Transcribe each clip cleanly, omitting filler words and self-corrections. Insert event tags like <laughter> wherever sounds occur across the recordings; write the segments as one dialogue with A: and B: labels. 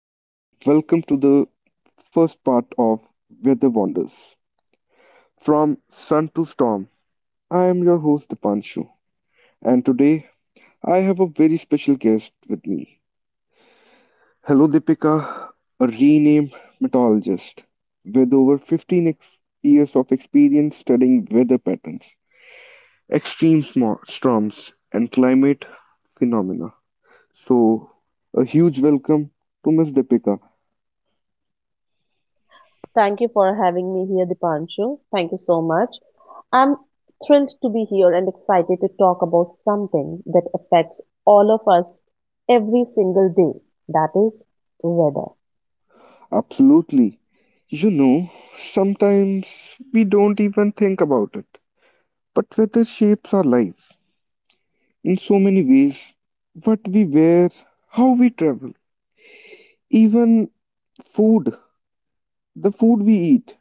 A: and welcome to the first part of Weather Wonders From Sun to Storm. I am your host, Dipanshu, and today I have a very special guest with me. Hello, Deepika, a renamed meteorologist with over 15 years of experience studying weather patterns, extreme storms, and climate phenomena. So, a huge welcome to Ms. Deepika.
B: Thank you for having me here, Dipanshu. Thank you so much. I'm thrilled to be here and excited to talk about something that affects all of us every single day. That is weather.
A: Absolutely. You know, sometimes we don't even think about it, but weather shapes our lives in so many ways. What we wear, how we travel, even food, the food we eat.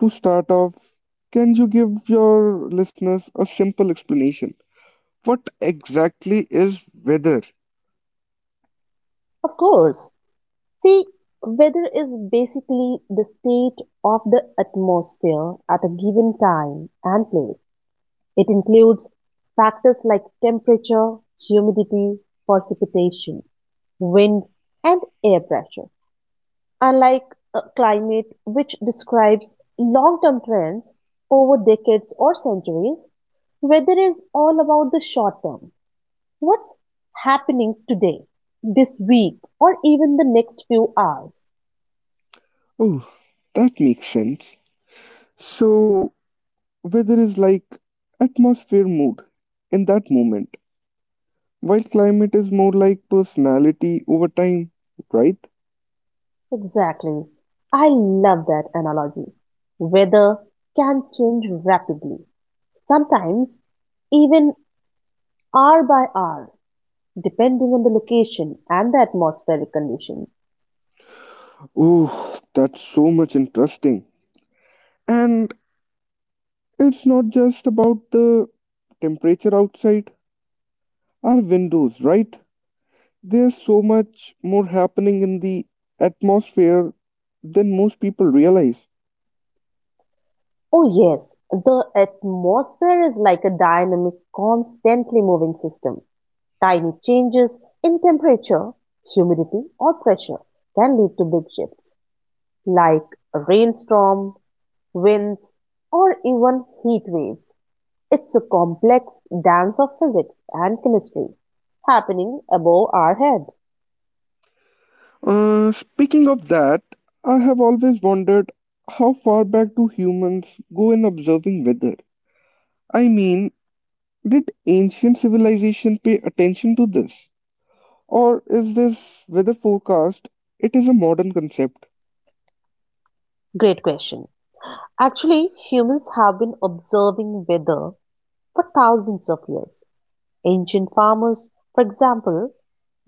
A: To start off, can you give your listeners a simple explanation? What exactly is weather?
B: Of course. See, weather is basically the state of the atmosphere at a given time and place. It includes factors like temperature, humidity, precipitation, wind, and air pressure. Unlike climate, which describes long term trends over decades or centuries, weather is all about the short term. What's happening today, this week, or even the next few hours?
A: Oh, that makes sense. So, weather is like atmosphere mood in that moment. While climate is more like personality over time, right?
B: Exactly. I love that analogy. Weather can change rapidly, sometimes even hour by hour, depending on the location and the atmospheric conditions.
A: Oh, that's so much interesting. And it's not just about the temperature outside, our windows, right? There's so much more happening in the atmosphere than most people realize.
B: Oh, yes. The atmosphere is like a dynamic, constantly moving system. Tiny changes in temperature, humidity, or pressure can lead to big shifts, like rainstorm, winds, or even heat waves. It's a complex dance of physics and chemistry happening above our head.
A: Speaking of that, I have always wondered how far back do humans go in observing weather? I mean, did ancient civilization pay attention to this? Or is this weather forecast? It is a modern concept.
B: Great question. Actually, humans have been observing weather for thousands of years. Ancient farmers, for example,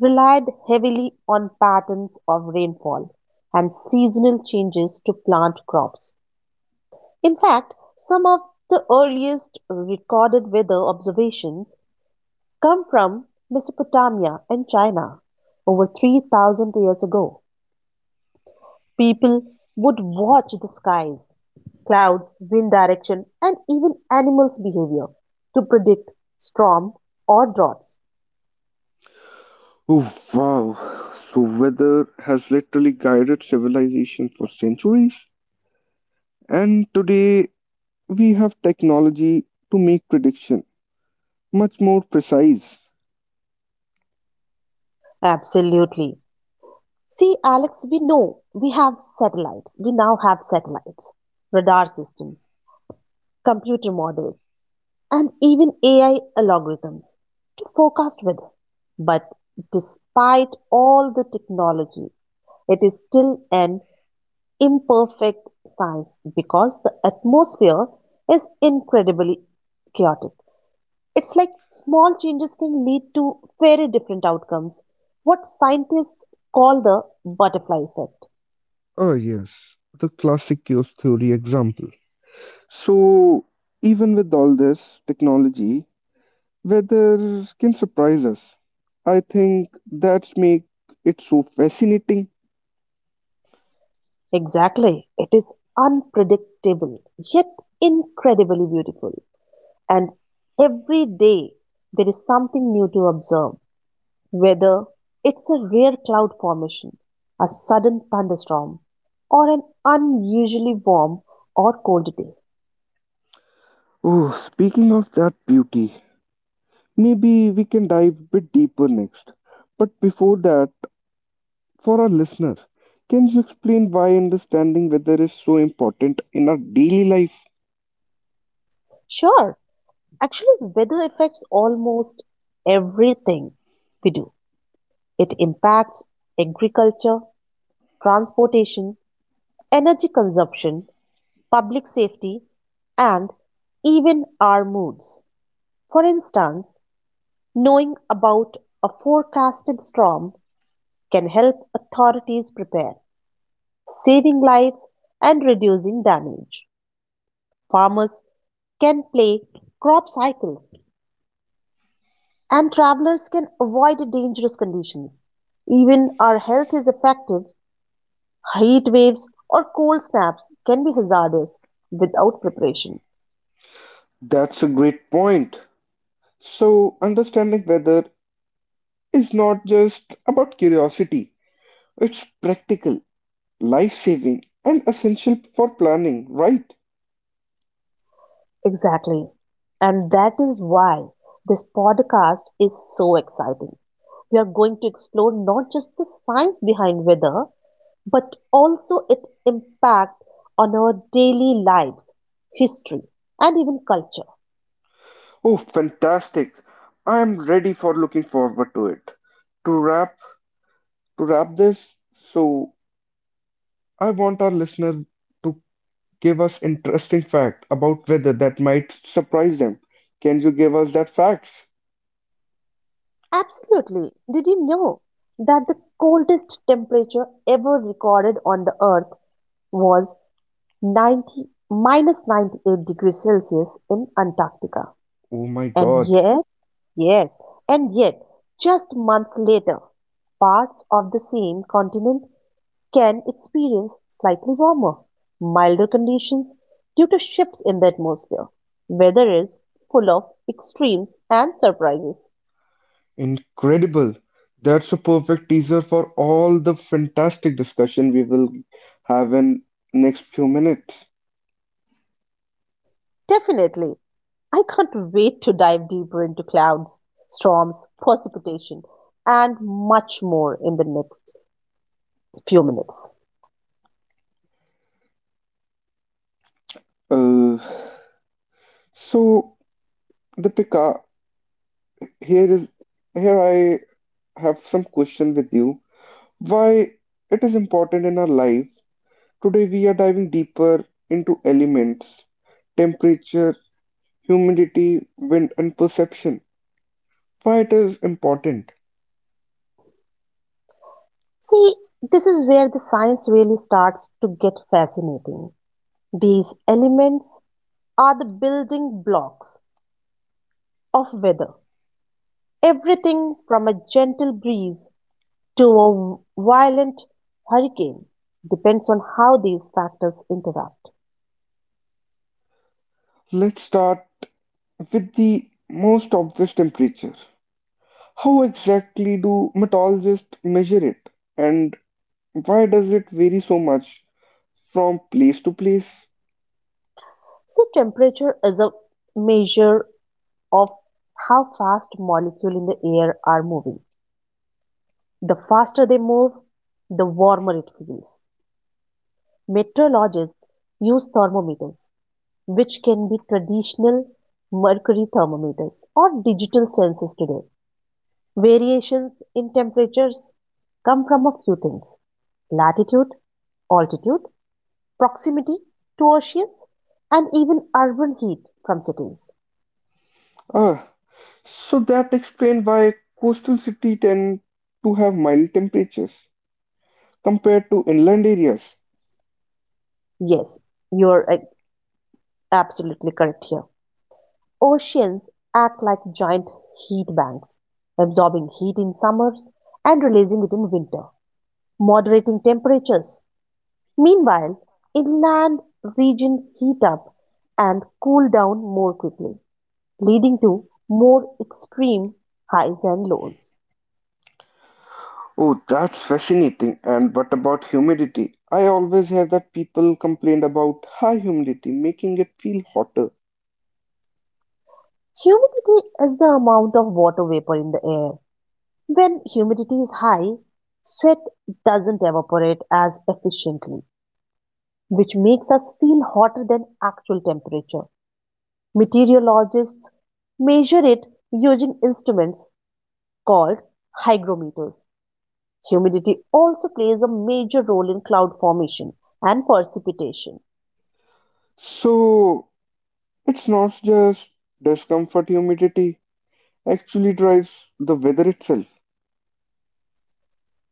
B: relied heavily on patterns of rainfall and seasonal changes to plant crops. In fact, some of the earliest recorded weather observations come from Mesopotamia and China over 3000 years ago. People would watch the skies, clouds, wind direction, and even animals' behavior to predict storm or droughts.
A: Oh, wow. So, weather has literally guided civilization for centuries. And today, we have technology to make prediction much more precise.
B: Absolutely. See, Alex, we know we have satellites. We now have satellites, radar systems, computer models, and even AI algorithms to forecast weather. But despite all the technology, it is still an imperfect science because the atmosphere is incredibly chaotic. It's like small changes can lead to very different outcomes, what scientists call the butterfly effect.
A: Ah, yes. The classic chaos theory example. So, even with all this technology, weather can surprise us. I think that's make it so fascinating.
B: Exactly. It is unpredictable, yet incredibly beautiful. And every day there is something new to observe, whether it's a rare cloud formation, a sudden thunderstorm, or an unusually warm or cold day.
A: Oh, speaking of that beauty, maybe we can dive a bit deeper next. But before that, for our listener, can you explain why understanding weather is so important in our daily life?
B: Sure, actually, weather affects almost everything we do. It impacts agriculture, transportation, energy consumption, public safety, and even our moods. For instance, knowing about a forecasted storm can help authorities prepare, saving lives and reducing damage. Farmers can play crop cycle, and travelers can avoid dangerous conditions. Even our health is affected. Heat waves or cold snaps can be hazardous without preparation.
A: That's a great point. So, understanding weather is not just about curiosity, it's practical, life saving, and essential for planning, right?
B: Exactly. And that is why this podcast is so exciting. We are going to explore not just the science behind weather, but also its impact on our daily lives, history, and even culture.
A: Oh, fantastic. I am ready for looking forward to it. To wrap to wrap this, so I want our listener to give us interesting fact about weather that might surprise them. Can you give us that facts?
B: Absolutely. Did you know that the coldest temperature ever recorded on the earth was 90, minus 98 degrees Celsius in Antarctica?
A: Oh my
B: And
A: God,
B: yet, Yes, and yet, just months later, parts of the same continent can experience slightly warmer, milder conditions due to shifts in the atmosphere. Weather is full of extremes and surprises.
A: incredible. That's a perfect teaser for all the fantastic discussion we will have in next few minutes.
B: Definitely, I can't wait to dive deeper into clouds, storms, precipitation, and much more in the next few minutes.
A: Uh, so Deepika, here is here I have some question with you. Why it is important in our life? Today we are diving deeper into elements, temperature, humidity, wind, and perception. Why it is important?
B: See, this is where the science really starts to get fascinating. These elements are the building blocks of weather. Everything from a gentle breeze to a violent hurricane depends on how these factors interact.
A: Let's start with the most obvious temperature. How exactly do meteorologists measure it, and why does it vary so much from place to place?
B: So, temperature is a measure of how fast molecules in the air are moving. The faster they move, the warmer it feels. Meteorologists use thermometers, which can be traditional mercury thermometers or digital sensors today. Variations in temperatures come from a few things: latitude, altitude, proximity to oceans, and even urban heat from cities.
A: Ah, so that explains why coastal cities tend to have mild temperatures compared to inland areas.
B: Yes, you're absolutely correct here. Oceans act like giant heat banks, absorbing heat in summers and releasing it in winter, moderating temperatures. Meanwhile, inland regions heat up and cool down more quickly, leading to more extreme highs and lows.
A: Oh, that's fascinating. And what about humidity? I always hear that people complain about high humidity, making it feel hotter.
B: Humidity is the amount of water vapor in the air. When humidity is high, sweat doesn't evaporate as efficiently, which makes us feel hotter than actual temperature. Meteorologists measure it using instruments called hygrometers. Humidity also plays a major role in cloud formation and precipitation.
A: So it's not just discomfort humidity, actually drives the weather itself.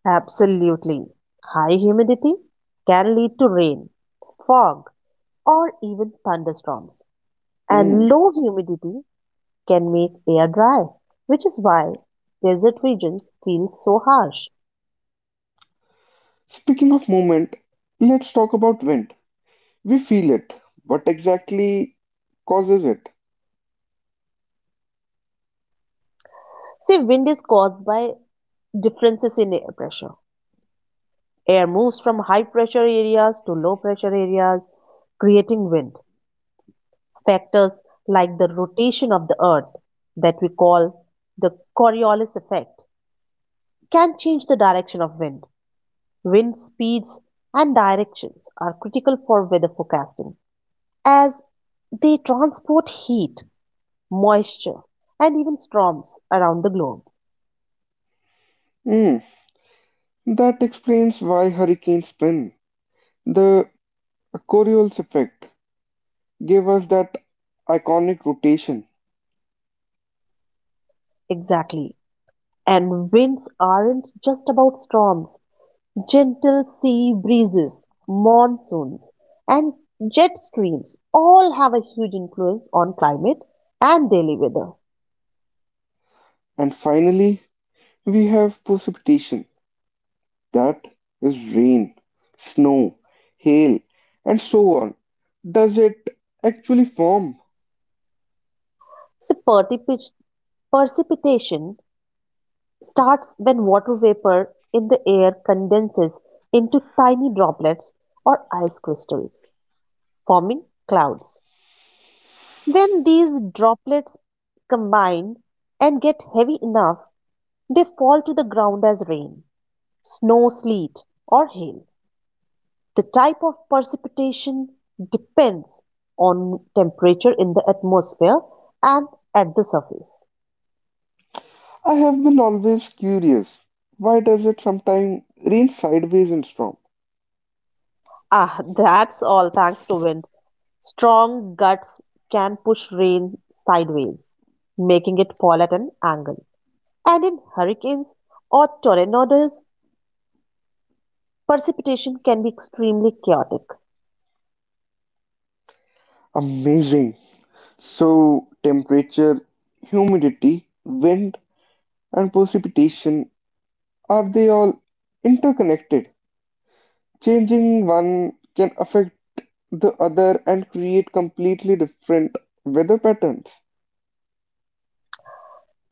B: Absolutely. High humidity can lead to rain, fog, or even thunderstorms.
A: Hmm.
B: And low humidity can make air dry, which is why desert regions feel so harsh.
A: Speaking of movement, let's talk about wind. We feel it. What exactly causes it?
B: See, wind is caused by differences in air pressure. Air moves from high pressure areas to low pressure areas, creating wind. Factors like the rotation of the earth, that we call the Coriolis effect, can change the direction of wind. Wind speeds and directions are critical for weather forecasting as they transport heat, moisture, and even storms around the globe.
A: Hmm. That explains why hurricanes spin. The Coriolis effect gave us that iconic rotation.
B: Exactly. And winds aren't just about storms. Gentle sea breezes, monsoons, and jet streams all have a huge influence on climate and daily weather.
A: And finally we have precipitation, that is rain, snow, hail, and so on. Does it actually form?
B: So, precipitation starts when water vapor in the air condenses into tiny droplets or ice crystals, forming clouds. When these droplets combine and get heavy enough, they fall to the ground as rain, snow, sleet, or hail. The type of precipitation depends on temperature in the atmosphere and at the surface.
A: I have been always curious. Why does it sometimes rain sideways in storm?
B: Ah, that's all thanks to wind. Strong guts can push rain sideways, making it fall at an angle. And in hurricanes or tornadoes, precipitation can be extremely chaotic.
A: Amazing. So temperature, humidity, wind, and precipitation, are they all interconnected? Changing one can affect the other and create completely different weather patterns.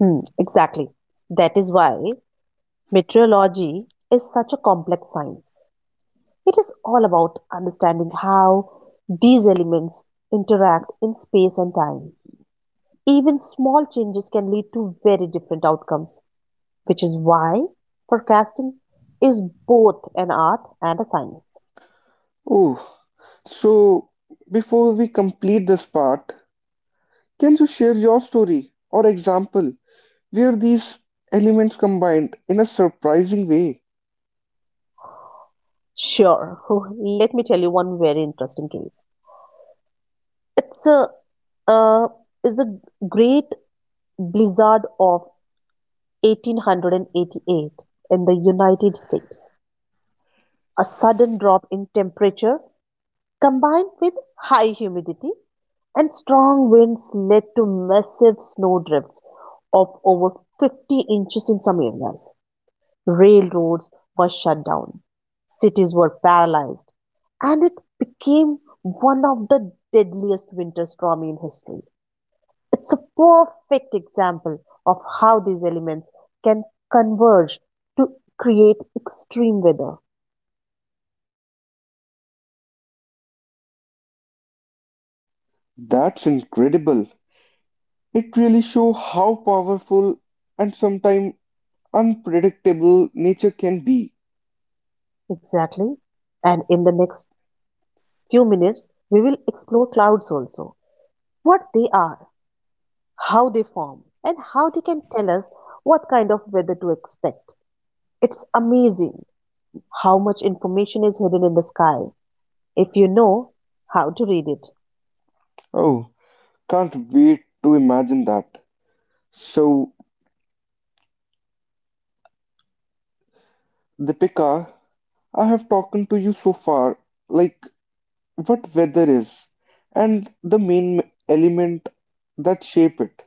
B: Hmm, exactly. That is why meteorology is such a complex science. It is all about understanding how these elements interact in space and time. Even small changes can lead to very different outcomes. Which is why forecasting is both an art and a science.
A: Oh, so before we complete this part, can you share your story or example where these elements combined in a surprising way?
B: Sure, <laughs> let me tell you one very interesting case. It's a uh, is the great blizzard of 1888 in the United States. A sudden drop in temperature combined with high humidity and strong winds led to massive snow drifts of over 50 inches in some areas. Railroads were shut down, cities were paralyzed, and it became one of the deadliest winter storms in history. It's a perfect example of how these elements can converge to create extreme weather.
A: That's incredible. It really shows how powerful and sometimes unpredictable nature can be.
B: Exactly. And in the next few minutes, we will explore clouds also, what they are, how they form, and how they can tell us what kind of weather to expect. It's amazing how much information is hidden in the sky if you know how to read it.
A: Oh, can't wait to imagine that. So, Deepika, I have talked to you so far, like what weather is, and the main element that shape it,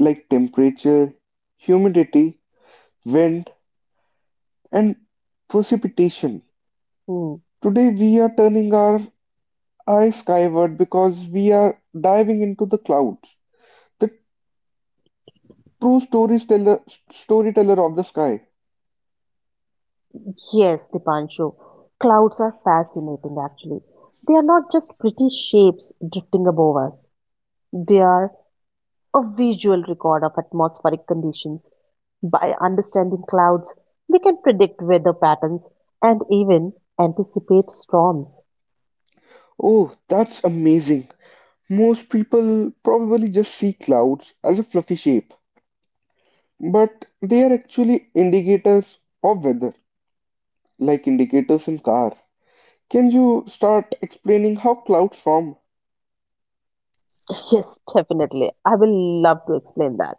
A: like temperature, humidity, wind, and precipitation.
B: Hmm.
A: Today we are turning our eyes skyward because we are diving into the clouds, the true storyteller, storyteller of the sky.
B: Yes, Dipanshu, clouds are fascinating actually. They are not just pretty shapes drifting above us, they are a visual record of atmospheric conditions. By understanding clouds, we can predict weather patterns and even anticipate storms.
A: Oh, that's amazing. Most people probably just see clouds as a fluffy shape, but they are actually indicators of weather, like indicators in car. Can you start explaining how clouds form?
B: <laughs> Yes, definitely. I will love to explain that.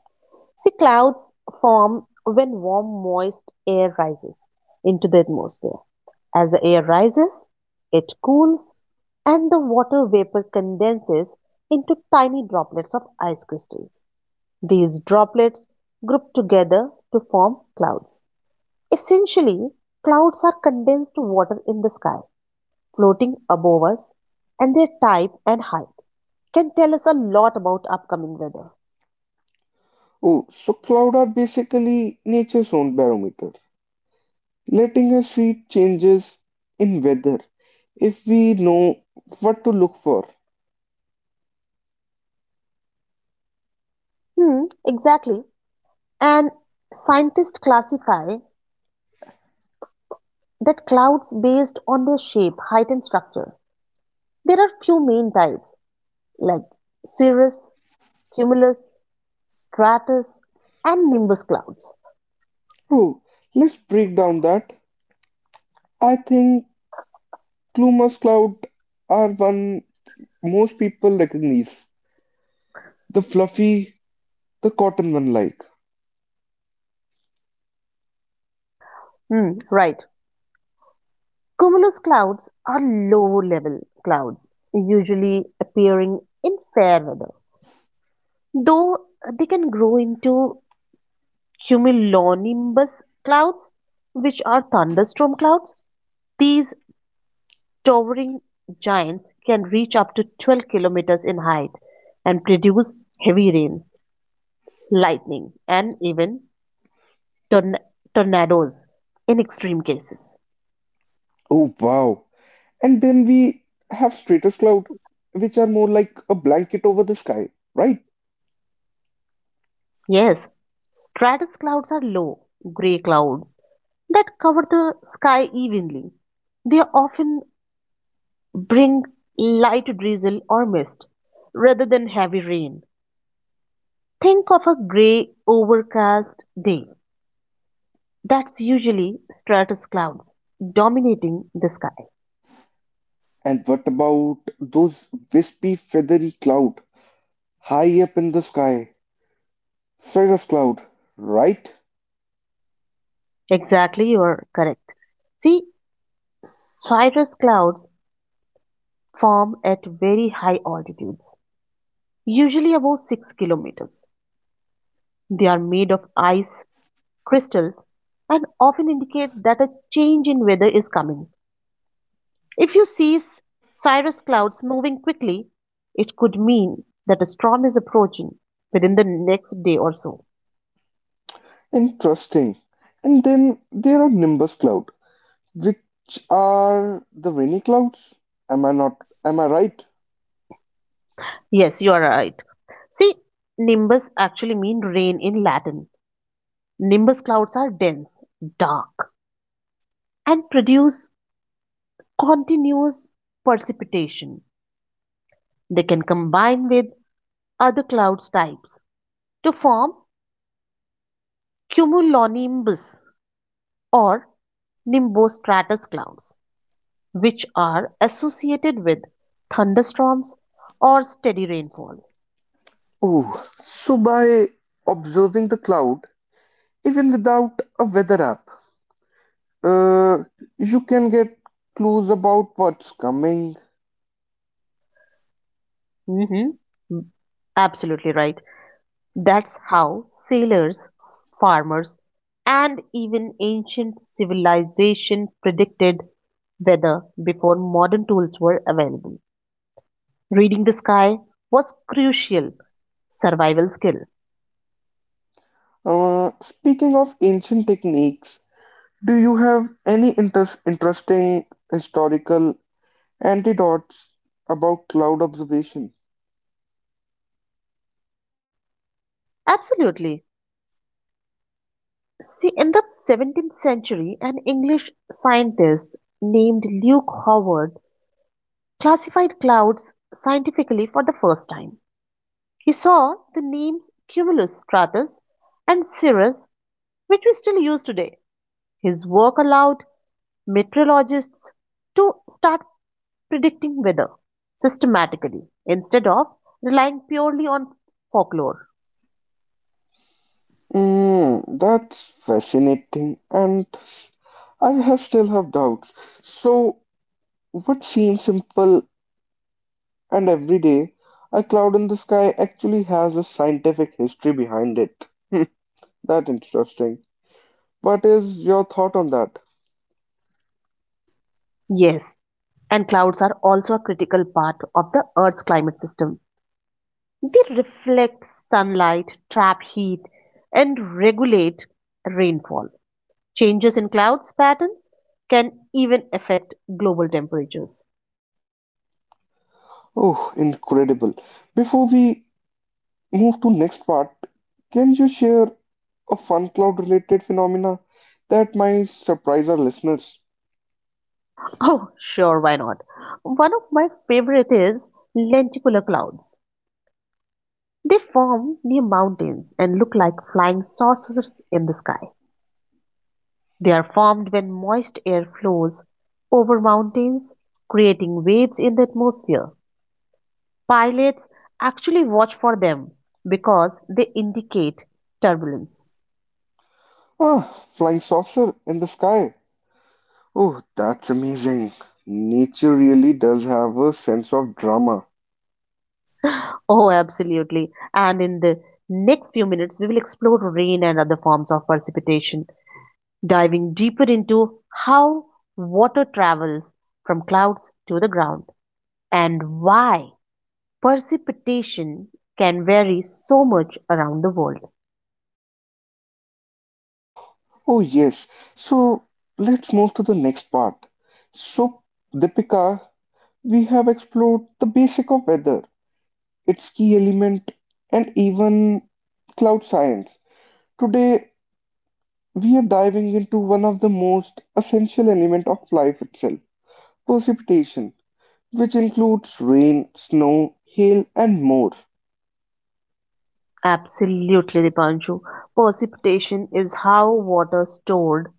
B: See, clouds form when warm moist air rises into the atmosphere. As the air rises, it cools and the water vapor condenses into tiny droplets of ice crystals. These droplets group together to form clouds. Essentially, clouds are condensed water in the sky floating above us, and their type and height can tell us a lot about upcoming weather.
A: Oh, so clouds are basically nature's own barometer, letting us see changes in weather if we know what to look for.
B: Hmm, exactly. And scientists classify that clouds based on their shape, height, and structure. There are few main types like cirrus, cumulus, stratus, and nimbus clouds.
A: Oh, let's break down that. I think cumulus cloud are one most people recognize. The fluffy, the cotton one like.
B: Hmm, right. Cumulus clouds are low level clouds, usually appearing in fair weather, though they can grow into cumulonimbus clouds, which are thunderstorm clouds. These towering giants can reach up to 12 kilometers in height and produce heavy rain, lightning, and even torn- tornadoes in extreme cases.
A: Oh wow. And then we have stratus cloud, which are more like a blanket over the sky, right?
B: Yes, stratus clouds are low, gray clouds that cover the sky evenly. They often bring light drizzle or mist rather than heavy rain. Think of a gray, overcast day. That's usually stratus clouds dominating the sky.
A: And what about those wispy, feathery cloud high up in the sky? Cirrus cloud, right?
B: Exactly, you are correct. See, cirrus clouds form at very high altitudes, usually above 6 kilometers. They are made of ice crystals and often indicate that a change in weather is coming. If you see cirrus clouds moving quickly, it could mean that a storm is approaching within the next day or so.
A: Interesting. And then there are nimbus cloud, which are the rainy clouds. Am I not? Am I right?
B: Yes, you are right. See, nimbus actually mean rain in Latin. Nimbus clouds are dense, dark, and produce continuous precipitation. They can combine with other clouds types to form cumulonimbus or nimbostratus clouds, which are associated with thunderstorms or steady rainfall.
A: Oh, so by observing the cloud, even without a weather app, Uh, you can get clues about what's coming.
B: Hmm. Absolutely right. That's how sailors, farmers, and even ancient civilization predicted weather before modern tools were available. Reading the sky was crucial survival skill.
A: Speaking of ancient techniques, do you have any interesting historical anecdotes about cloud observation?
B: Absolutely. See, in the 17th century, an English scientist named Luke Howard classified clouds scientifically for the first time. He saw the names cumulus, stratus, and cirrus, which we still use today. His work allowed meteorologists to start predicting weather systematically instead of relying purely on folklore.
A: Mm, that's fascinating, and I have still have doubts. So, what seems simple and everyday, a cloud in the sky actually has a scientific history behind it. <laughs> That interesting. What is your thought on that?
B: Yes, and clouds are also a critical part of the Earth's climate system. They reflect sunlight, trap heat, and regulate rainfall. Changes in clouds patterns can even affect global temperatures.
A: Oh, incredible. Before we move to next part, can you share a fun cloud related phenomena that might surprise our listeners?
B: Oh, sure, why not? One of my favorite is lenticular clouds. They form near mountains and look like flying saucers in the sky. They are formed when moist air flows over mountains, creating waves in the atmosphere. Pilots actually watch for them because they indicate turbulence.
A: Ah, flying saucer in the sky. Oh, that's amazing. Nature really does have a sense of drama.
B: Oh, absolutely. And in the next few minutes, we will explore rain and other forms of precipitation, diving deeper into how water travels from clouds to the ground and why precipitation can vary so much around the world.
A: Oh, yes. So let's move to the next part. So, Deepika, we have explored the basic of weather, its key element, and even cloud science. Today, we are diving into one of the most essential elements of life itself, precipitation, which includes rain, snow, hail, and more.
B: Absolutely, Dipanshu. Precipitation is how water stored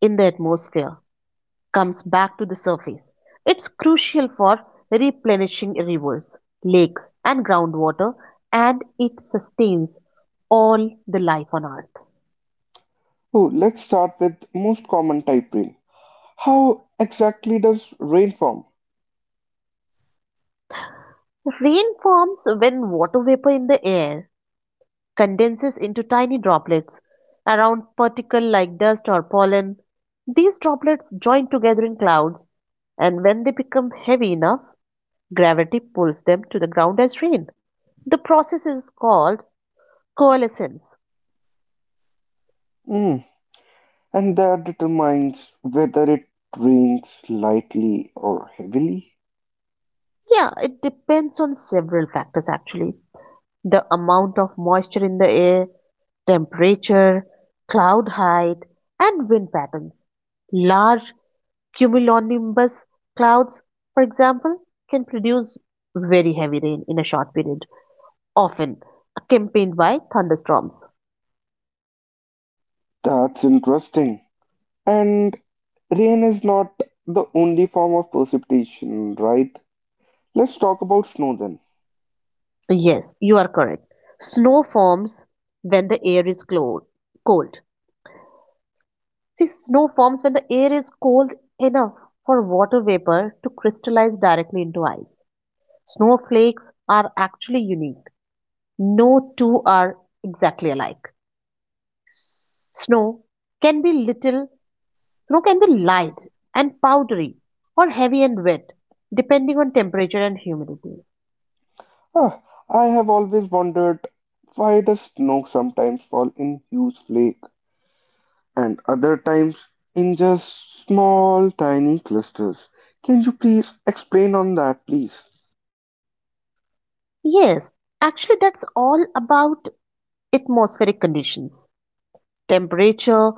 B: in the atmosphere comes back to the surface. It's crucial for replenishing rivers, lakes, and groundwater, and it sustains all the life on Earth.
A: So, let's start with most common type rain. How exactly does rain form?
B: Rain forms when water vapor in the air condenses into tiny droplets around particle like dust or pollen. These droplets join together in clouds, and when they become heavy enough, gravity pulls them to the ground as rain. The process is called coalescence.
A: Mm, and that determines whether it rains lightly or heavily.
B: Yeah, it depends on several factors actually, the amount of moisture in the air, temperature, cloud height, and wind patterns. Large Cumulonimbus clouds, for example, can produce very heavy rain in a short period, often accompanied by thunderstorms.
A: That's interesting. And rain is not the only form of precipitation, right? Let's talk about snow then.
B: Yes, you are correct. Snow forms when the air is clo- cold. See, snow forms when the air is cold enough for water vapor to crystallize directly into ice. Snowflakes are actually unique. No two are exactly alike. Snow can be little Snow can be light and powdery or heavy and wet, depending on temperature and humidity.
A: Ah, I have always wondered why does snow sometimes fall in huge flake and other times in just small tiny clusters. Can you please explain on that, please?
B: Yes, actually, that's all about atmospheric conditions. Temperature,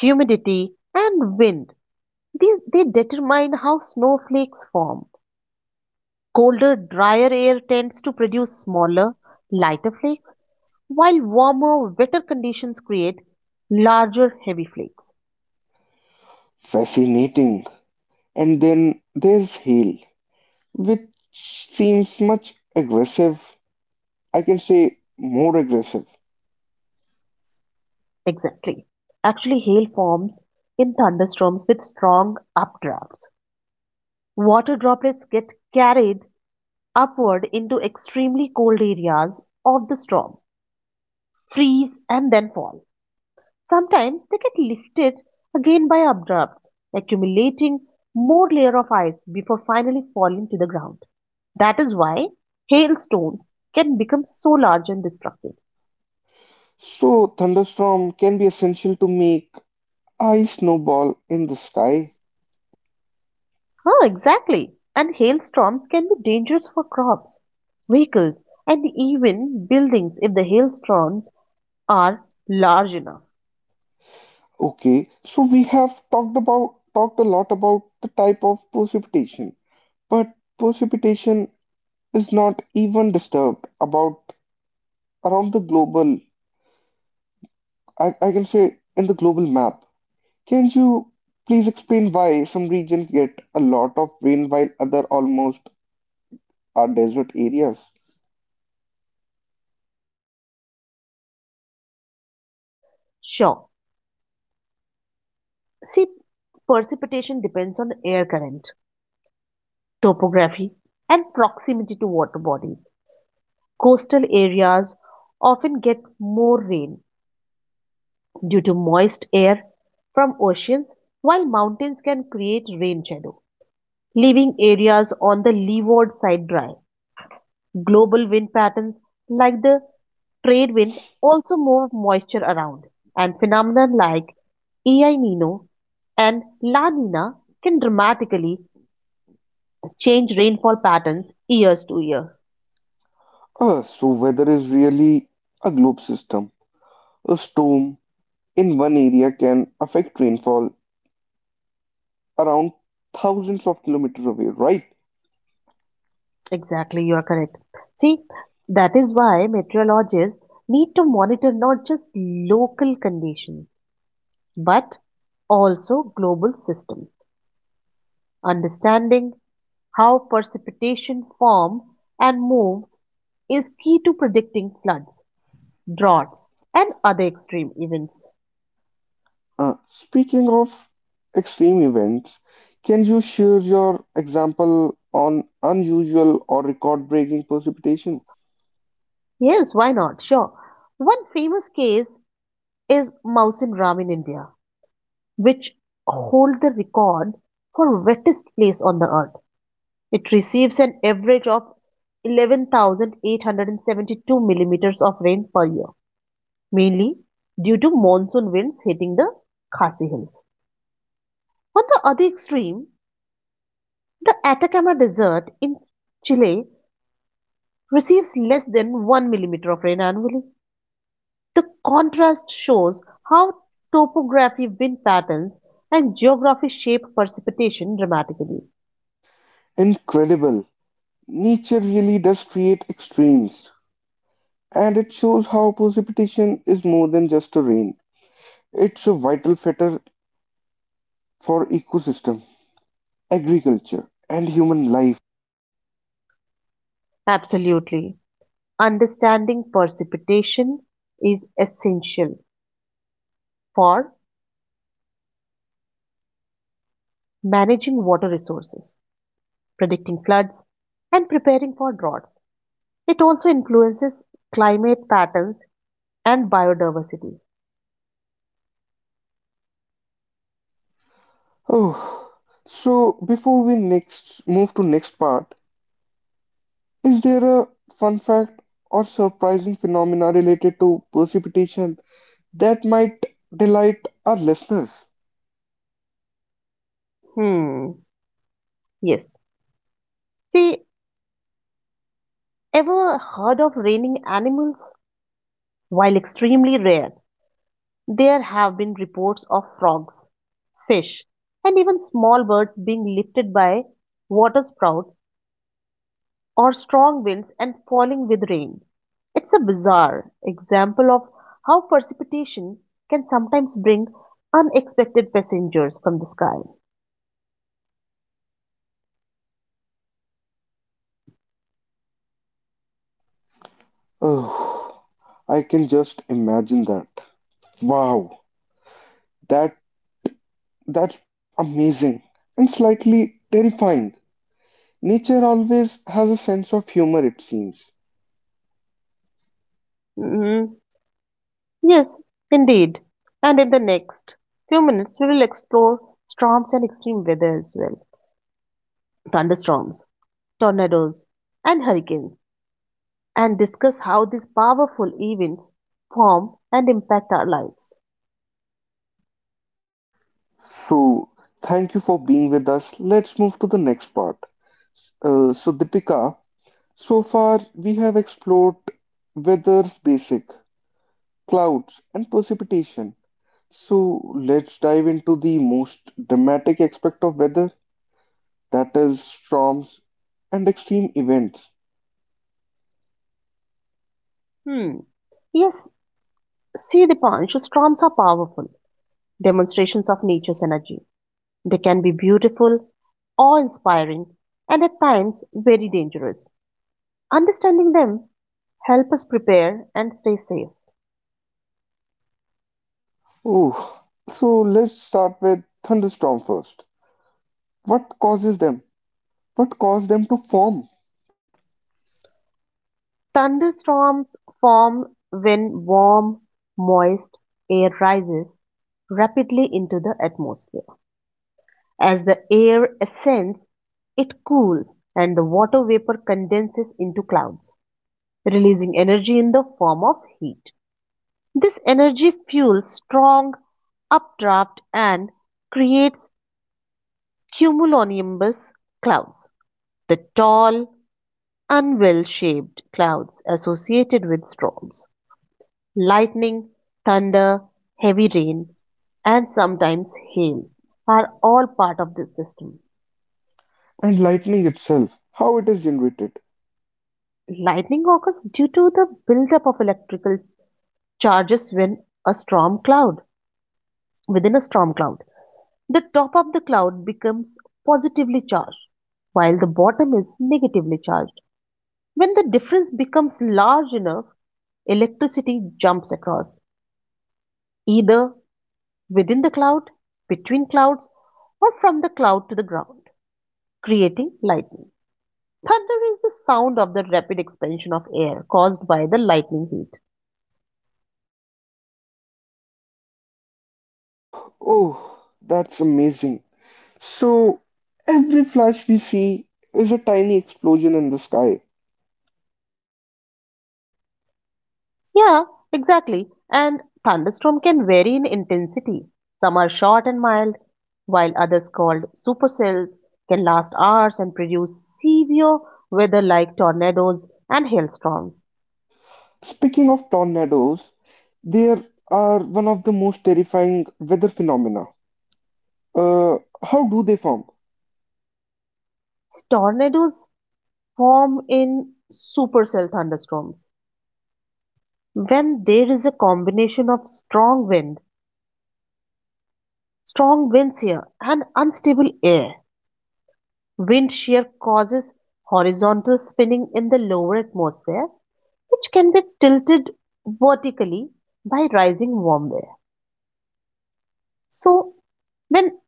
B: humidity, and wind. These, they determine how snowflakes form. Colder, drier air tends to produce smaller, lighter flakes, while warmer, wetter conditions create larger, heavy flakes.
A: Fascinating. And then there's hail, which seems much aggressive. I can say more aggressive.
B: Exactly. Actually, hail forms in thunderstorms with strong updrafts. Water droplets get carried upward into extremely cold areas of the storm, freeze, and then fall. Sometimes they get lifted again by updrafts, accumulating more layer of ice before finally falling to the ground. That is why hailstones can become so large and destructive.
A: So, thunderstorm can be essential to make ice snowball in the sky.
B: Oh, exactly. And hailstorms can be dangerous for crops, vehicles, and even buildings if the hailstones are large enough.
A: Okay, so we have talked a lot about the type of precipitation, but precipitation is not even disturbed about around the global, I can say in the global map. Can you please explain why some regions get a lot of rain while other almost are desert areas?
B: Sure. See, precipitation depends on air current, topography, and proximity to water bodies. Coastal areas often get more rain due to moist air from oceans, while mountains can create rain shadow, leaving areas on the leeward side dry. Global wind patterns like the trade wind also move moisture around, and phenomena like El Nino and La Nina can dramatically change rainfall patterns years to year.
A: So weather is really a globe system. A storm in one area can affect rainfall around thousands of kilometers away, right?
B: Exactly, you are correct. See, that is why meteorologists need to monitor not just local conditions but also global systems. Understanding how precipitation forms and moves is key to predicting floods, droughts, and other extreme events.
A: Speaking of extreme events, can you share your example on unusual or record-breaking precipitation?
B: Yes, why not? Sure. One famous case is Mausin Ram in India, which hold the record for wettest place on the earth. It receives an average of 11,872 millimeters of rain per year, mainly due to monsoon winds hitting the Khasi Hills. On the other extreme, the Atacama Desert in Chile receives less than 1 millimeter of rain annually. The contrast shows how topography, wind patterns, and geography shape precipitation dramatically.
A: Incredible. Nature really does create extremes, and it shows how precipitation is more than just a rain. It's a vital factor for ecosystem, agriculture, and human life.
B: Absolutely. Understanding precipitation is essential for managing water resources, predicting floods, and preparing for droughts. It also influences climate patterns and biodiversity.
A: Oh, so before we next move to next part, is there a fun fact or surprising phenomena related to precipitation that might delight our listeners?
B: Hmm. Yes. See, ever heard of raining animals? While extremely rare, there have been reports of frogs, fish, and even small birds being lifted by water spouts or strong winds and falling with rain. It's a bizarre example of how precipitation can sometimes bring unexpected passengers from the sky.
A: Oh, I can just imagine that. Wow, that that's both amazing and slightly terrifying. Nature always has a sense of humor, it seems.
B: Mhm. Yes, indeed. And in the next few minutes, we will explore storms and extreme weather as well: thunderstorms, tornadoes, and hurricanes, and discuss how these powerful events form and impact our lives.
A: So, thank you for being with us. Let's move to the next part. Deepika, so far, we have explored weather's basic, clouds, and precipitation. So, let's dive into the most dramatic aspect of weather, that is, storms and extreme events.
B: Hmm. Yes, see, the Dipanshu, storms are powerful demonstrations of nature's energy. They can be beautiful, awe inspiring, and at times very dangerous. Understanding them help us prepare and stay safe.
A: Oh, so let's start with thunderstorm first. What causes them? What caused them to form?
B: Thunderstorms form when warm, moist air rises rapidly into the atmosphere. As the air ascends, it cools and the water vapor condenses into clouds, releasing energy in the form of heat. This energy fuels strong updraft and creates cumulonimbus clouds, the tall, unwell shaped clouds associated with storms. Lightning, thunder, heavy rain, and sometimes hail are all part of this system.
A: And lightning itself, how it is generated?
B: Lightning occurs due to the buildup of electrical charges when a storm cloud within a storm cloud. The top of the cloud becomes positively charged while the bottom is negatively charged. When the difference becomes large enough, electricity jumps across, either within the cloud, between clouds, or from the cloud to the ground, creating lightning. Thunder is the sound of the rapid expansion of air caused by the lightning heat.
A: Oh, oh, that's amazing. So every flash we see is a tiny explosion in the sky.
B: Yeah, exactly. And thunderstorm can vary in intensity. Some are short and mild, while others called supercells can last hours and produce severe weather like tornadoes and hailstorms.
A: Speaking of tornadoes, they are one of the most terrifying weather phenomena. How do they form?
B: Tornadoes form in supercell thunderstorms when there is a combination of strong winds here, and unstable air. Wind shear causes horizontal spinning in the lower atmosphere, which can be tilted vertically by rising warm air. So, when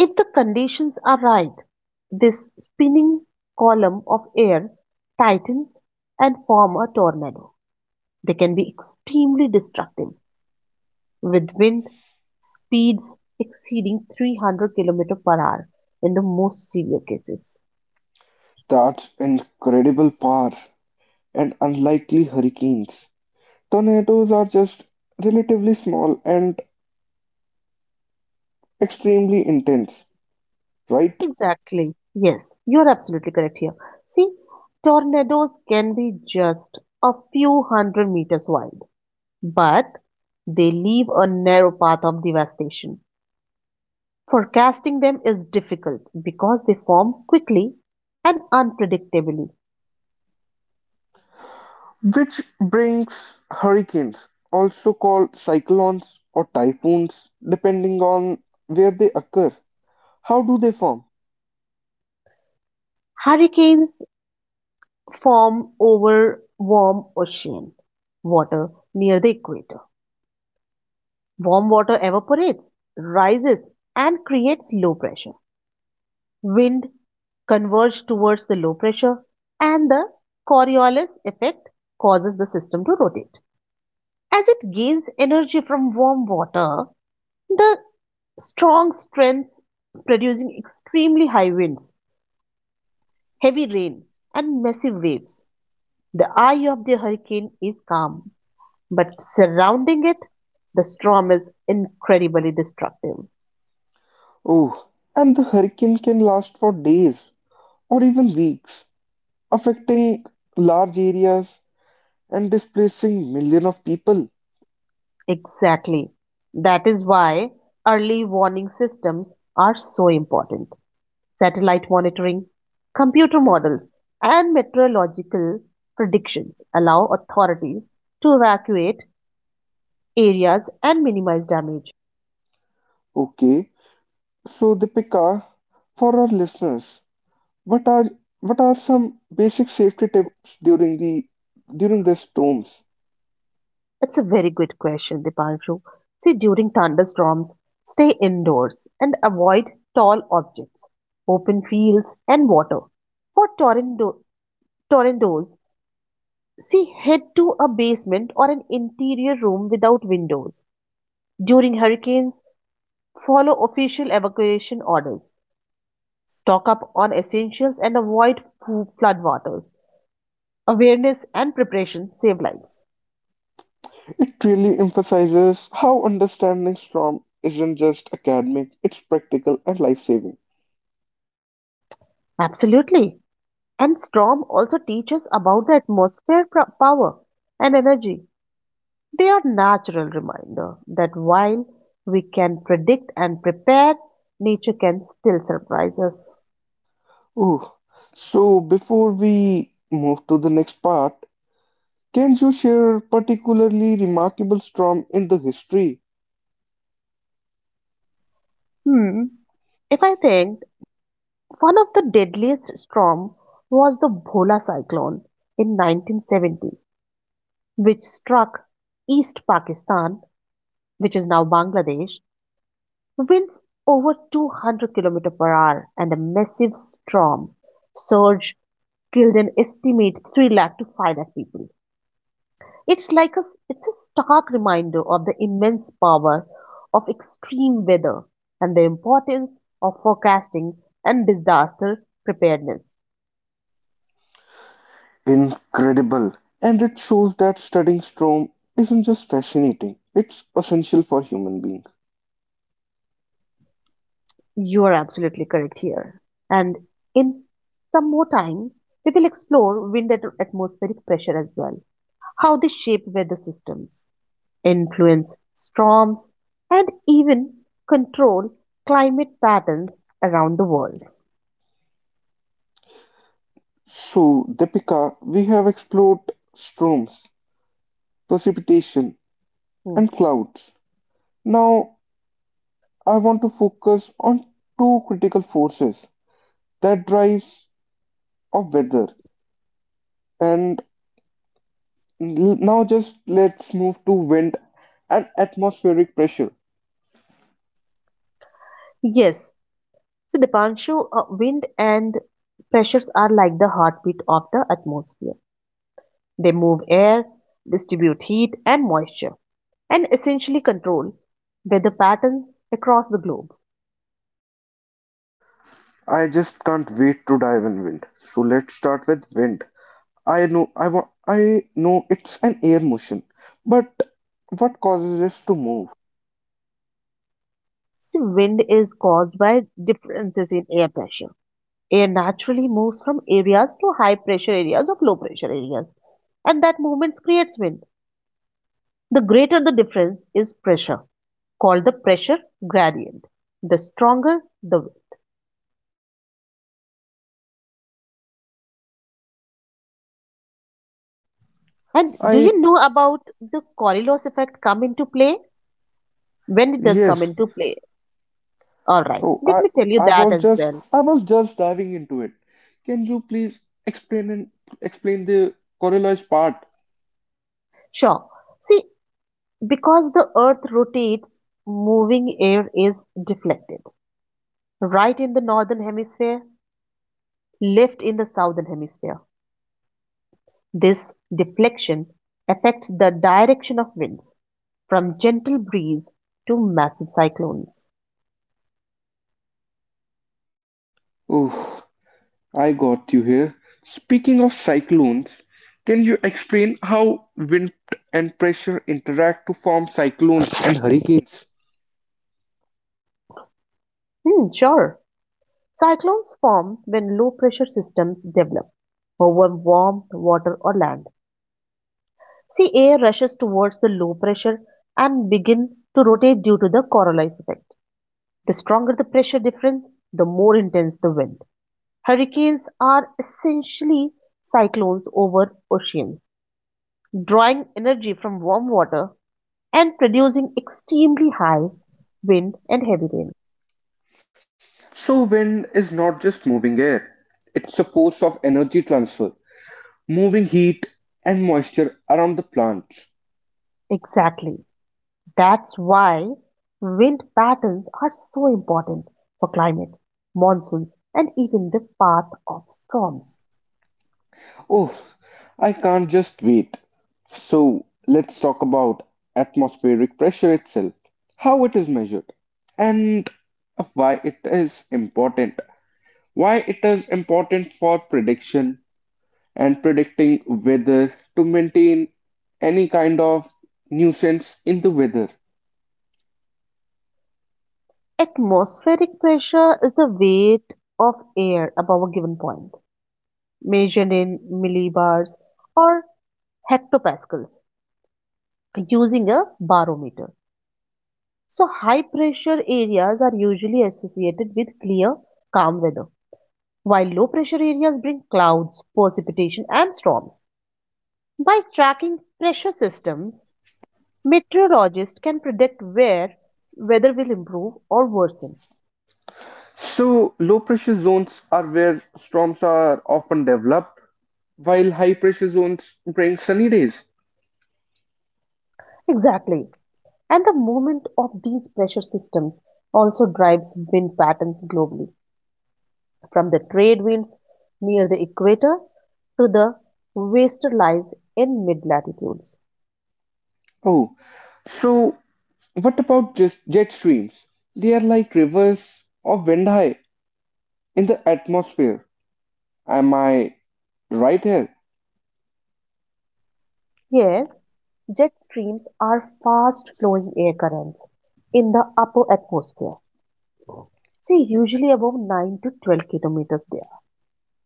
B: if the conditions are right, this spinning column of air tightens and form a tornado. They can be extremely destructive with wind speeds exceeding 300 km per hour in the most severe cases.
A: That's incredible power and unlikely hurricanes. Tornadoes are just relatively small and extremely intense, right?
B: Exactly. Yes, you're absolutely correct here. See, tornadoes can be just a few hundred meters wide, but they leave a narrow path of devastation. Forecasting them is difficult because they form quickly and unpredictably.
A: Which brings hurricanes, also called cyclones or typhoons, depending on where they occur. How do they form?
B: Hurricanes form over warm ocean water near the equator. Warm water evaporates, rises, and creates low pressure. Wind converged towards the low pressure, and the Coriolis effect causes the system to rotate. As it gains energy from warm water, the strong strength producing extremely high winds, heavy rain, and massive waves. The eye of the hurricane is calm, but surrounding it, the storm is incredibly destructive.
A: Oh, and the hurricane can last for days or even weeks, affecting large areas and displacing millions of people.
B: Exactly. That is why early warning systems are so important. Satellite monitoring, computer models, and meteorological predictions allow authorities to evacuate areas and minimize damage.
A: Okay, so Deepika, for our listeners, what are what are some basic safety tips during the storms?
B: It's a very good question, Dipanshu. See, during thunderstorms, stay indoors and avoid tall objects, open fields, and water. For tornadoes, see, head to a basement or an interior room without windows. During hurricanes, follow official evacuation orders. Stock up on essentials and avoid floodwaters. Awareness and preparation save lives.
A: It really emphasizes how understanding storm isn't just academic, it's practical and life-saving.
B: Absolutely. And storm also teach us about the atmosphere power and energy. They are natural reminder that while we can predict and prepare, nature can still surprise us.
A: Oh, so before we move to the next part, can you share a particularly remarkable storm in the history?
B: Hmm. If I think, one of the deadliest storm was the Bhola cyclone in 1970, which struck East Pakistan, which is now Bangladesh, winds over 200 km per hour and a massive storm surge killed an estimate 3 lakh to 5 lakh people. It's like a, it's a stark reminder of the immense power of extreme weather and the importance of forecasting and disaster preparedness.
A: Incredible. And it shows that studying storm isn't just fascinating, it's essential for human beings.
B: You are absolutely correct here. And in some more time, we will explore wind and atmospheric pressure as well. How they shape weather systems, influence storms, and even control climate patterns around the world.
A: So, Deepika, we have explored storms, precipitation,
B: Hmm.
A: and clouds. Now, I want to focus on two critical forces that drives of weather. And now just let's move to wind and atmospheric pressure.
B: Yes, so the Panshu, wind and pressures are like the heartbeat of the atmosphere. They move air, distribute heat and moisture, and essentially control weather patterns across the globe.
A: I just can't wait to dive in wind. So let's start with wind. I know it's an air motion, but what causes us to move?
B: So wind is caused by differences in air pressure. Air naturally moves from areas to high pressure areas of low pressure areas, and that movement creates wind. The greater the difference is pressure, called the pressure gradient. The stronger the wind. And do you
A: I
B: know about the Coriolis effect come into play? When it does come
A: yes.
B: into play? All right,
A: Oh,
B: let me tell you
A: I
B: that
A: was
B: as
A: just
B: well.
A: diving into it. Can you please explain and explain the Coriolis part?
B: Sure. See, because the Earth rotates, moving air is deflected. Right in the northern hemisphere, left in the southern hemisphere. This deflection affects the direction of winds, from gentle breeze to massive cyclones.
A: Oh, I got you here. Speaking of cyclones, can you explain how wind and pressure interact to form cyclones and hurricanes?
B: Hmm, sure. Cyclones form when low pressure systems develop over warm water or land. Sea air rushes towards the low pressure and begin to rotate due to the Coriolis effect. The stronger the pressure difference, the more intense the wind. Hurricanes are essentially cyclones over oceans, drawing energy from warm water and producing extremely high wind and heavy rain.
A: So wind is not just moving air, it's a force of energy transfer, moving heat and moisture around the plants.
B: Exactly. That's why wind patterns are so important for climate, monsoons, and even the path of storms.
A: Oh, I can't just wait. So let's talk about atmospheric pressure itself, how it is measured, and why it is important. Why it is important for prediction and predicting weather to maintain any kind of nuisance in the weather.
B: Atmospheric pressure is the weight of air above a given point, measured in millibars or hectopascals using a barometer. So, high pressure areas are usually associated with clear, calm weather, while low pressure areas bring clouds, precipitation, and storms. By tracking pressure systems, meteorologists can predict where weather will improve or worsen.
A: So, low pressure zones are where storms are often developed, while high pressure zones bring sunny days.
B: Exactly. And the movement of these pressure systems also drives wind patterns globally, from the trade winds near the equator to the westerlies in mid latitudes.
A: Oh, so what about just jet streams? They are like rivers of wind high in the atmosphere. Am I right here?
B: Yes, jet streams are fast flowing air currents in the upper atmosphere. See, usually above 9 to 12 kilometers there.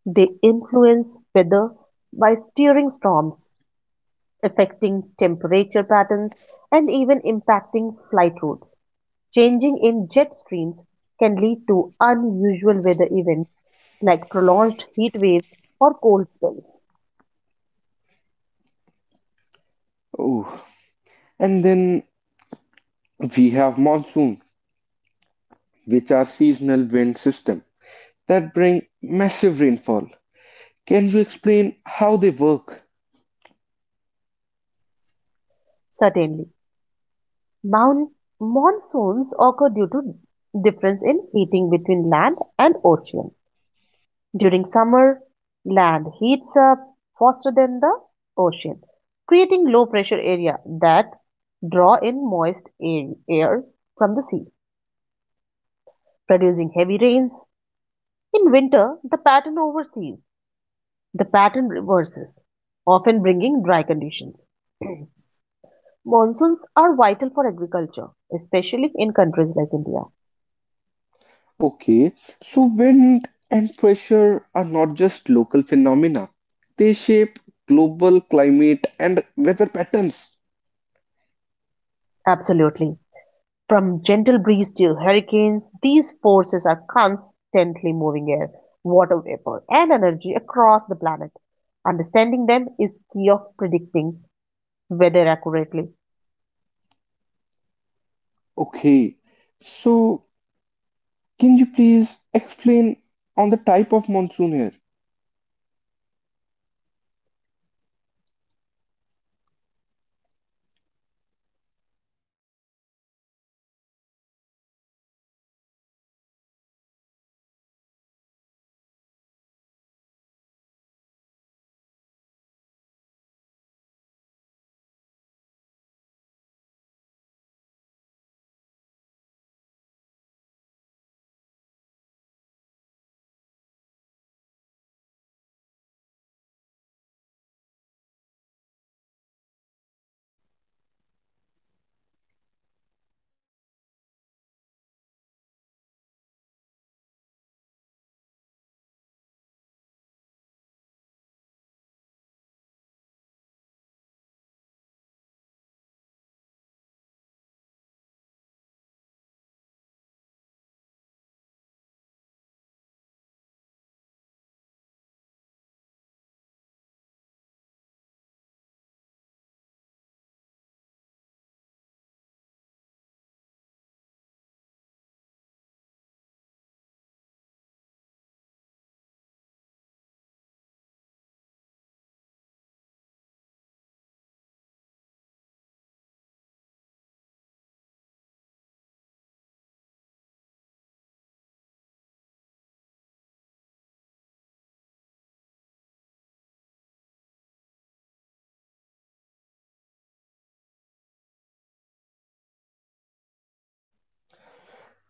B: They influence weather by steering storms, affecting temperature patterns, and even impacting flight routes. Changing in jet streams can lead to unusual weather events like prolonged heat waves or cold spells.
A: Oh, and then we have monsoon, which are seasonal wind system that bring massive rainfall. Can you explain how they work?
B: Certainly, moun- monsoons occur due to difference in heating between land and ocean. During summer, land heats up faster than the ocean, creating low pressure area that draw in moist air from the sea, producing heavy rains. In winter, the pattern reverses, often bringing dry conditions. <clears throat> Monsoons are vital for agriculture, especially in countries like India.
A: Okay, so wind and pressure are not just local phenomena. They shape global climate and weather patterns.
B: Absolutely. From gentle breeze to hurricanes, these forces are constantly moving air, water vapor, and energy across the planet. Understanding them is key of predicting weather accurately.
A: Okay, so can you please explain on the type of monsoon here?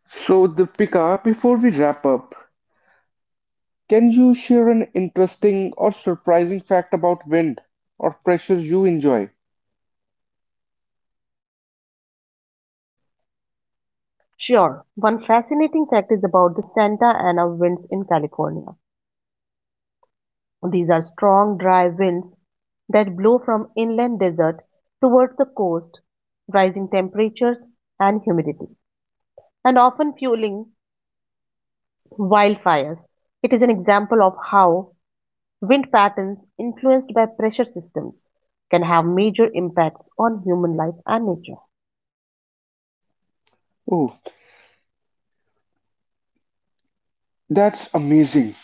A: So, Deepika, before we wrap up, can you share an interesting or surprising fact about wind or pressure you enjoy?
B: Sure, one fascinating fact is about the Santa Ana winds in California. These are strong, dry winds that blow from inland desert towards the coast, rising temperatures and humidity, and often fueling wildfires. It is an example of how wind patterns influenced by pressure systems can have major impacts on human life and nature.
A: Oh, that's amazing.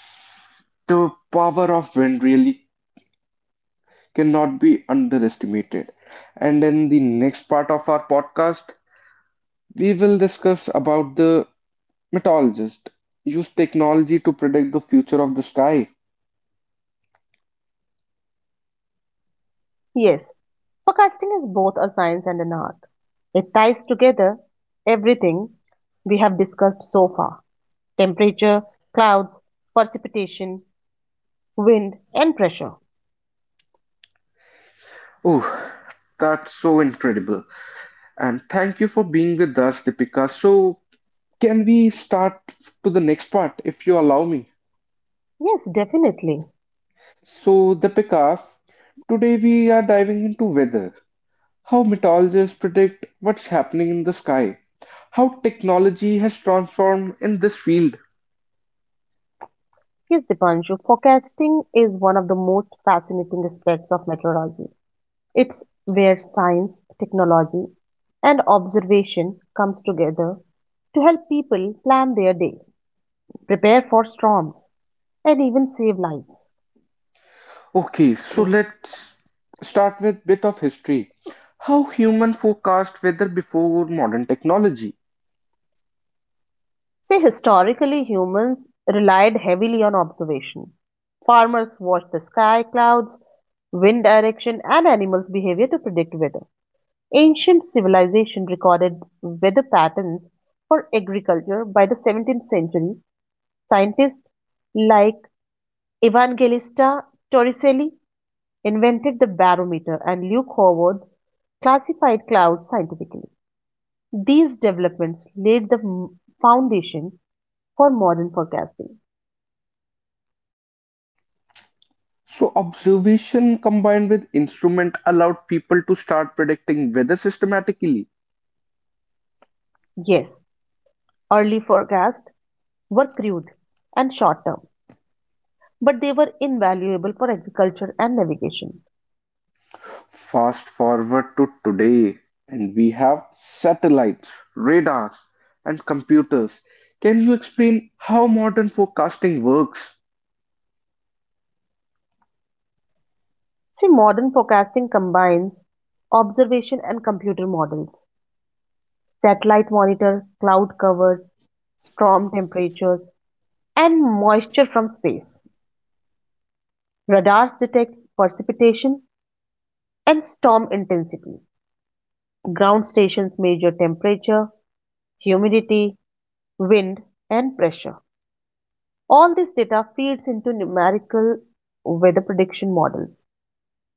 A: The power of wind really cannot be underestimated. And in the next part of our podcast, we will discuss about the meteorologist use technology to predict the future of the sky.
B: Yes, forecasting is both a science and an art. It ties together everything we have discussed so far: temperature, clouds, precipitation, wind, and pressure.
A: Oh, that's so incredible. And thank you for being with us, Deepika. So, can we start to the next part if you allow me?
B: Yes, definitely.
A: So, Deepika, today we are diving into weather, how meteorologists predict what's happening in the sky, how technology has transformed in this field.
B: Yes, Dipanshu, forecasting is one of the most fascinating aspects of meteorology. It's where science, technology, and observation comes together to help people plan their day, prepare for storms, and even save lives.
A: Okay, so let's start with bit of history. How human forecast weather before modern technology.
B: See, historically, humans relied heavily on observation. Farmers watched the sky, clouds, wind direction, and animals' behavior to predict weather. Ancient civilization recorded weather patterns for agriculture. By the 17th century, scientists like Evangelista Torricelli invented the barometer, and Luke Howard classified clouds scientifically. These developments laid the foundation for modern forecasting.
A: So observation combined with instrument allowed people to start predicting weather systematically.
B: Yes, early forecasts were crude and short term, but they were invaluable for agriculture and navigation.
A: Fast forward to today and we have satellites, radars and computers. Can you explain how modern forecasting works?
B: See, modern forecasting combines observation and computer models. Satellite monitors cloud covers, storm temperatures, and moisture from space. Radars detect precipitation and storm intensity. Ground stations measure temperature, humidity, wind, and pressure. All this data feeds into numerical weather prediction models,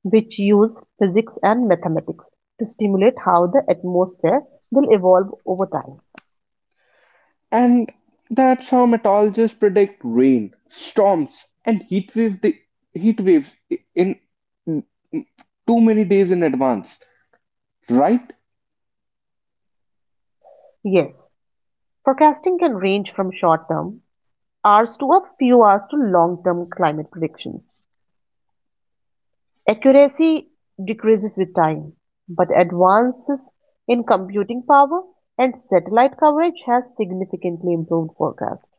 B: which use physics and mathematics to stimulate how the atmosphere will evolve over time.
A: And that's how meteorologists predict rain, storms, and heat waves in too many days in advance, right?
B: Yes, forecasting can range from short term hours to a few hours to long term climate predictions. Accuracy decreases with time, but advances in computing power and satellite coverage has significantly improved forecasts.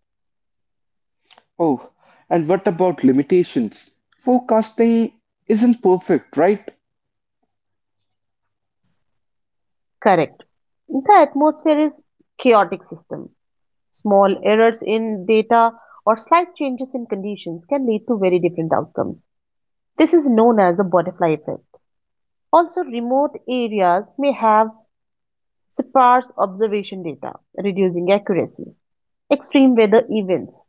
A: Oh, and what about limitations? Forecasting isn't perfect, right?
B: Correct. The atmosphere is chaotic system. Small errors in data or slight changes in conditions can lead to very different outcomes. This is known as the butterfly effect. Also, remote areas may have sparse observation data, reducing accuracy. Extreme weather events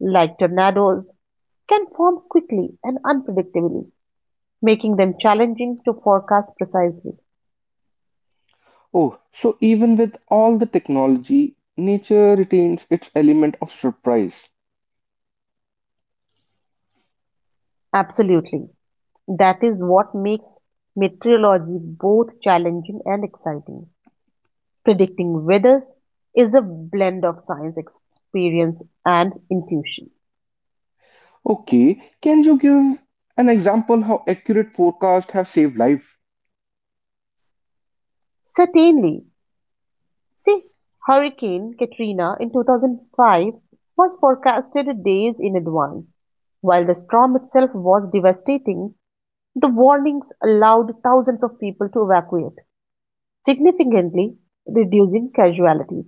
B: like tornadoes, can form quickly and unpredictably, making them challenging to forecast precisely.
A: Oh, so even with all the technology, nature retains its element of surprise.
B: Absolutely. That is what makes meteorology both challenging and exciting. Predicting weathers is a blend of science, experience, and intuition.
A: Okay, can you give an example how accurate forecasts have saved life?
B: Certainly. See, Hurricane Katrina in 2005 was forecasted days in advance. While the storm itself was devastating, the warnings allowed thousands of people to evacuate, significantly reducing casualties.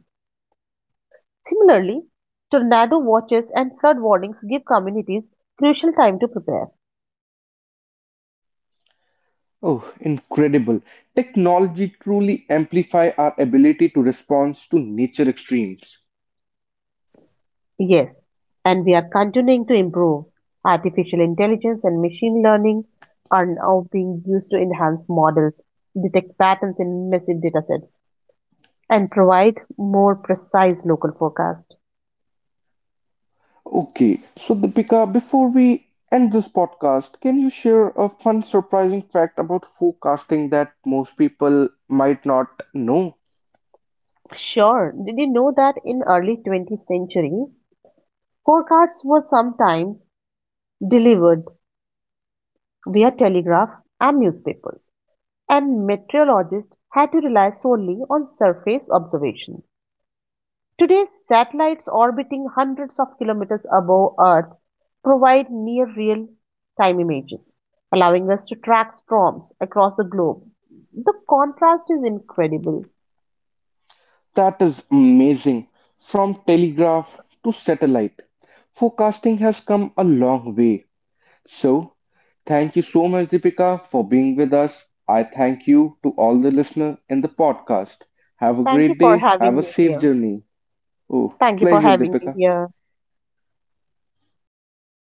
B: Similarly, tornado watches and flood warnings give communities crucial time to prepare.
A: Oh, incredible. Technology truly amplify our ability to respond to nature extremes.
B: Yes, and we are continuing to improve. Artificial intelligence and machine learning are now being used to enhance models, detect patterns in massive datasets, and provide more precise local forecasts.
A: Okay, so Deepika, before we end this podcast, can you share a fun, surprising fact about forecasting that most people might not know?
B: Sure, did you know that in early 20th century, forecasts were sometimes delivered via telegraph and newspapers, and meteorologists had to rely solely on surface observations. Today, satellites orbiting hundreds of kilometers above Earth provide near real time images, allowing us to track storms across the globe. The contrast is incredible.
A: That is amazing. From telegraph to satellite, forecasting has come a long way. So, thank you so much, Deepika, for being with us. I thank you to all the listeners in the podcast. Have a
B: Thank you
A: great
B: for
A: day. Have
B: having
A: a
B: me
A: safe
B: here.
A: journey. Oh,
B: Thank you for
A: pleasure,
B: having me
A: Deepika.
B: here.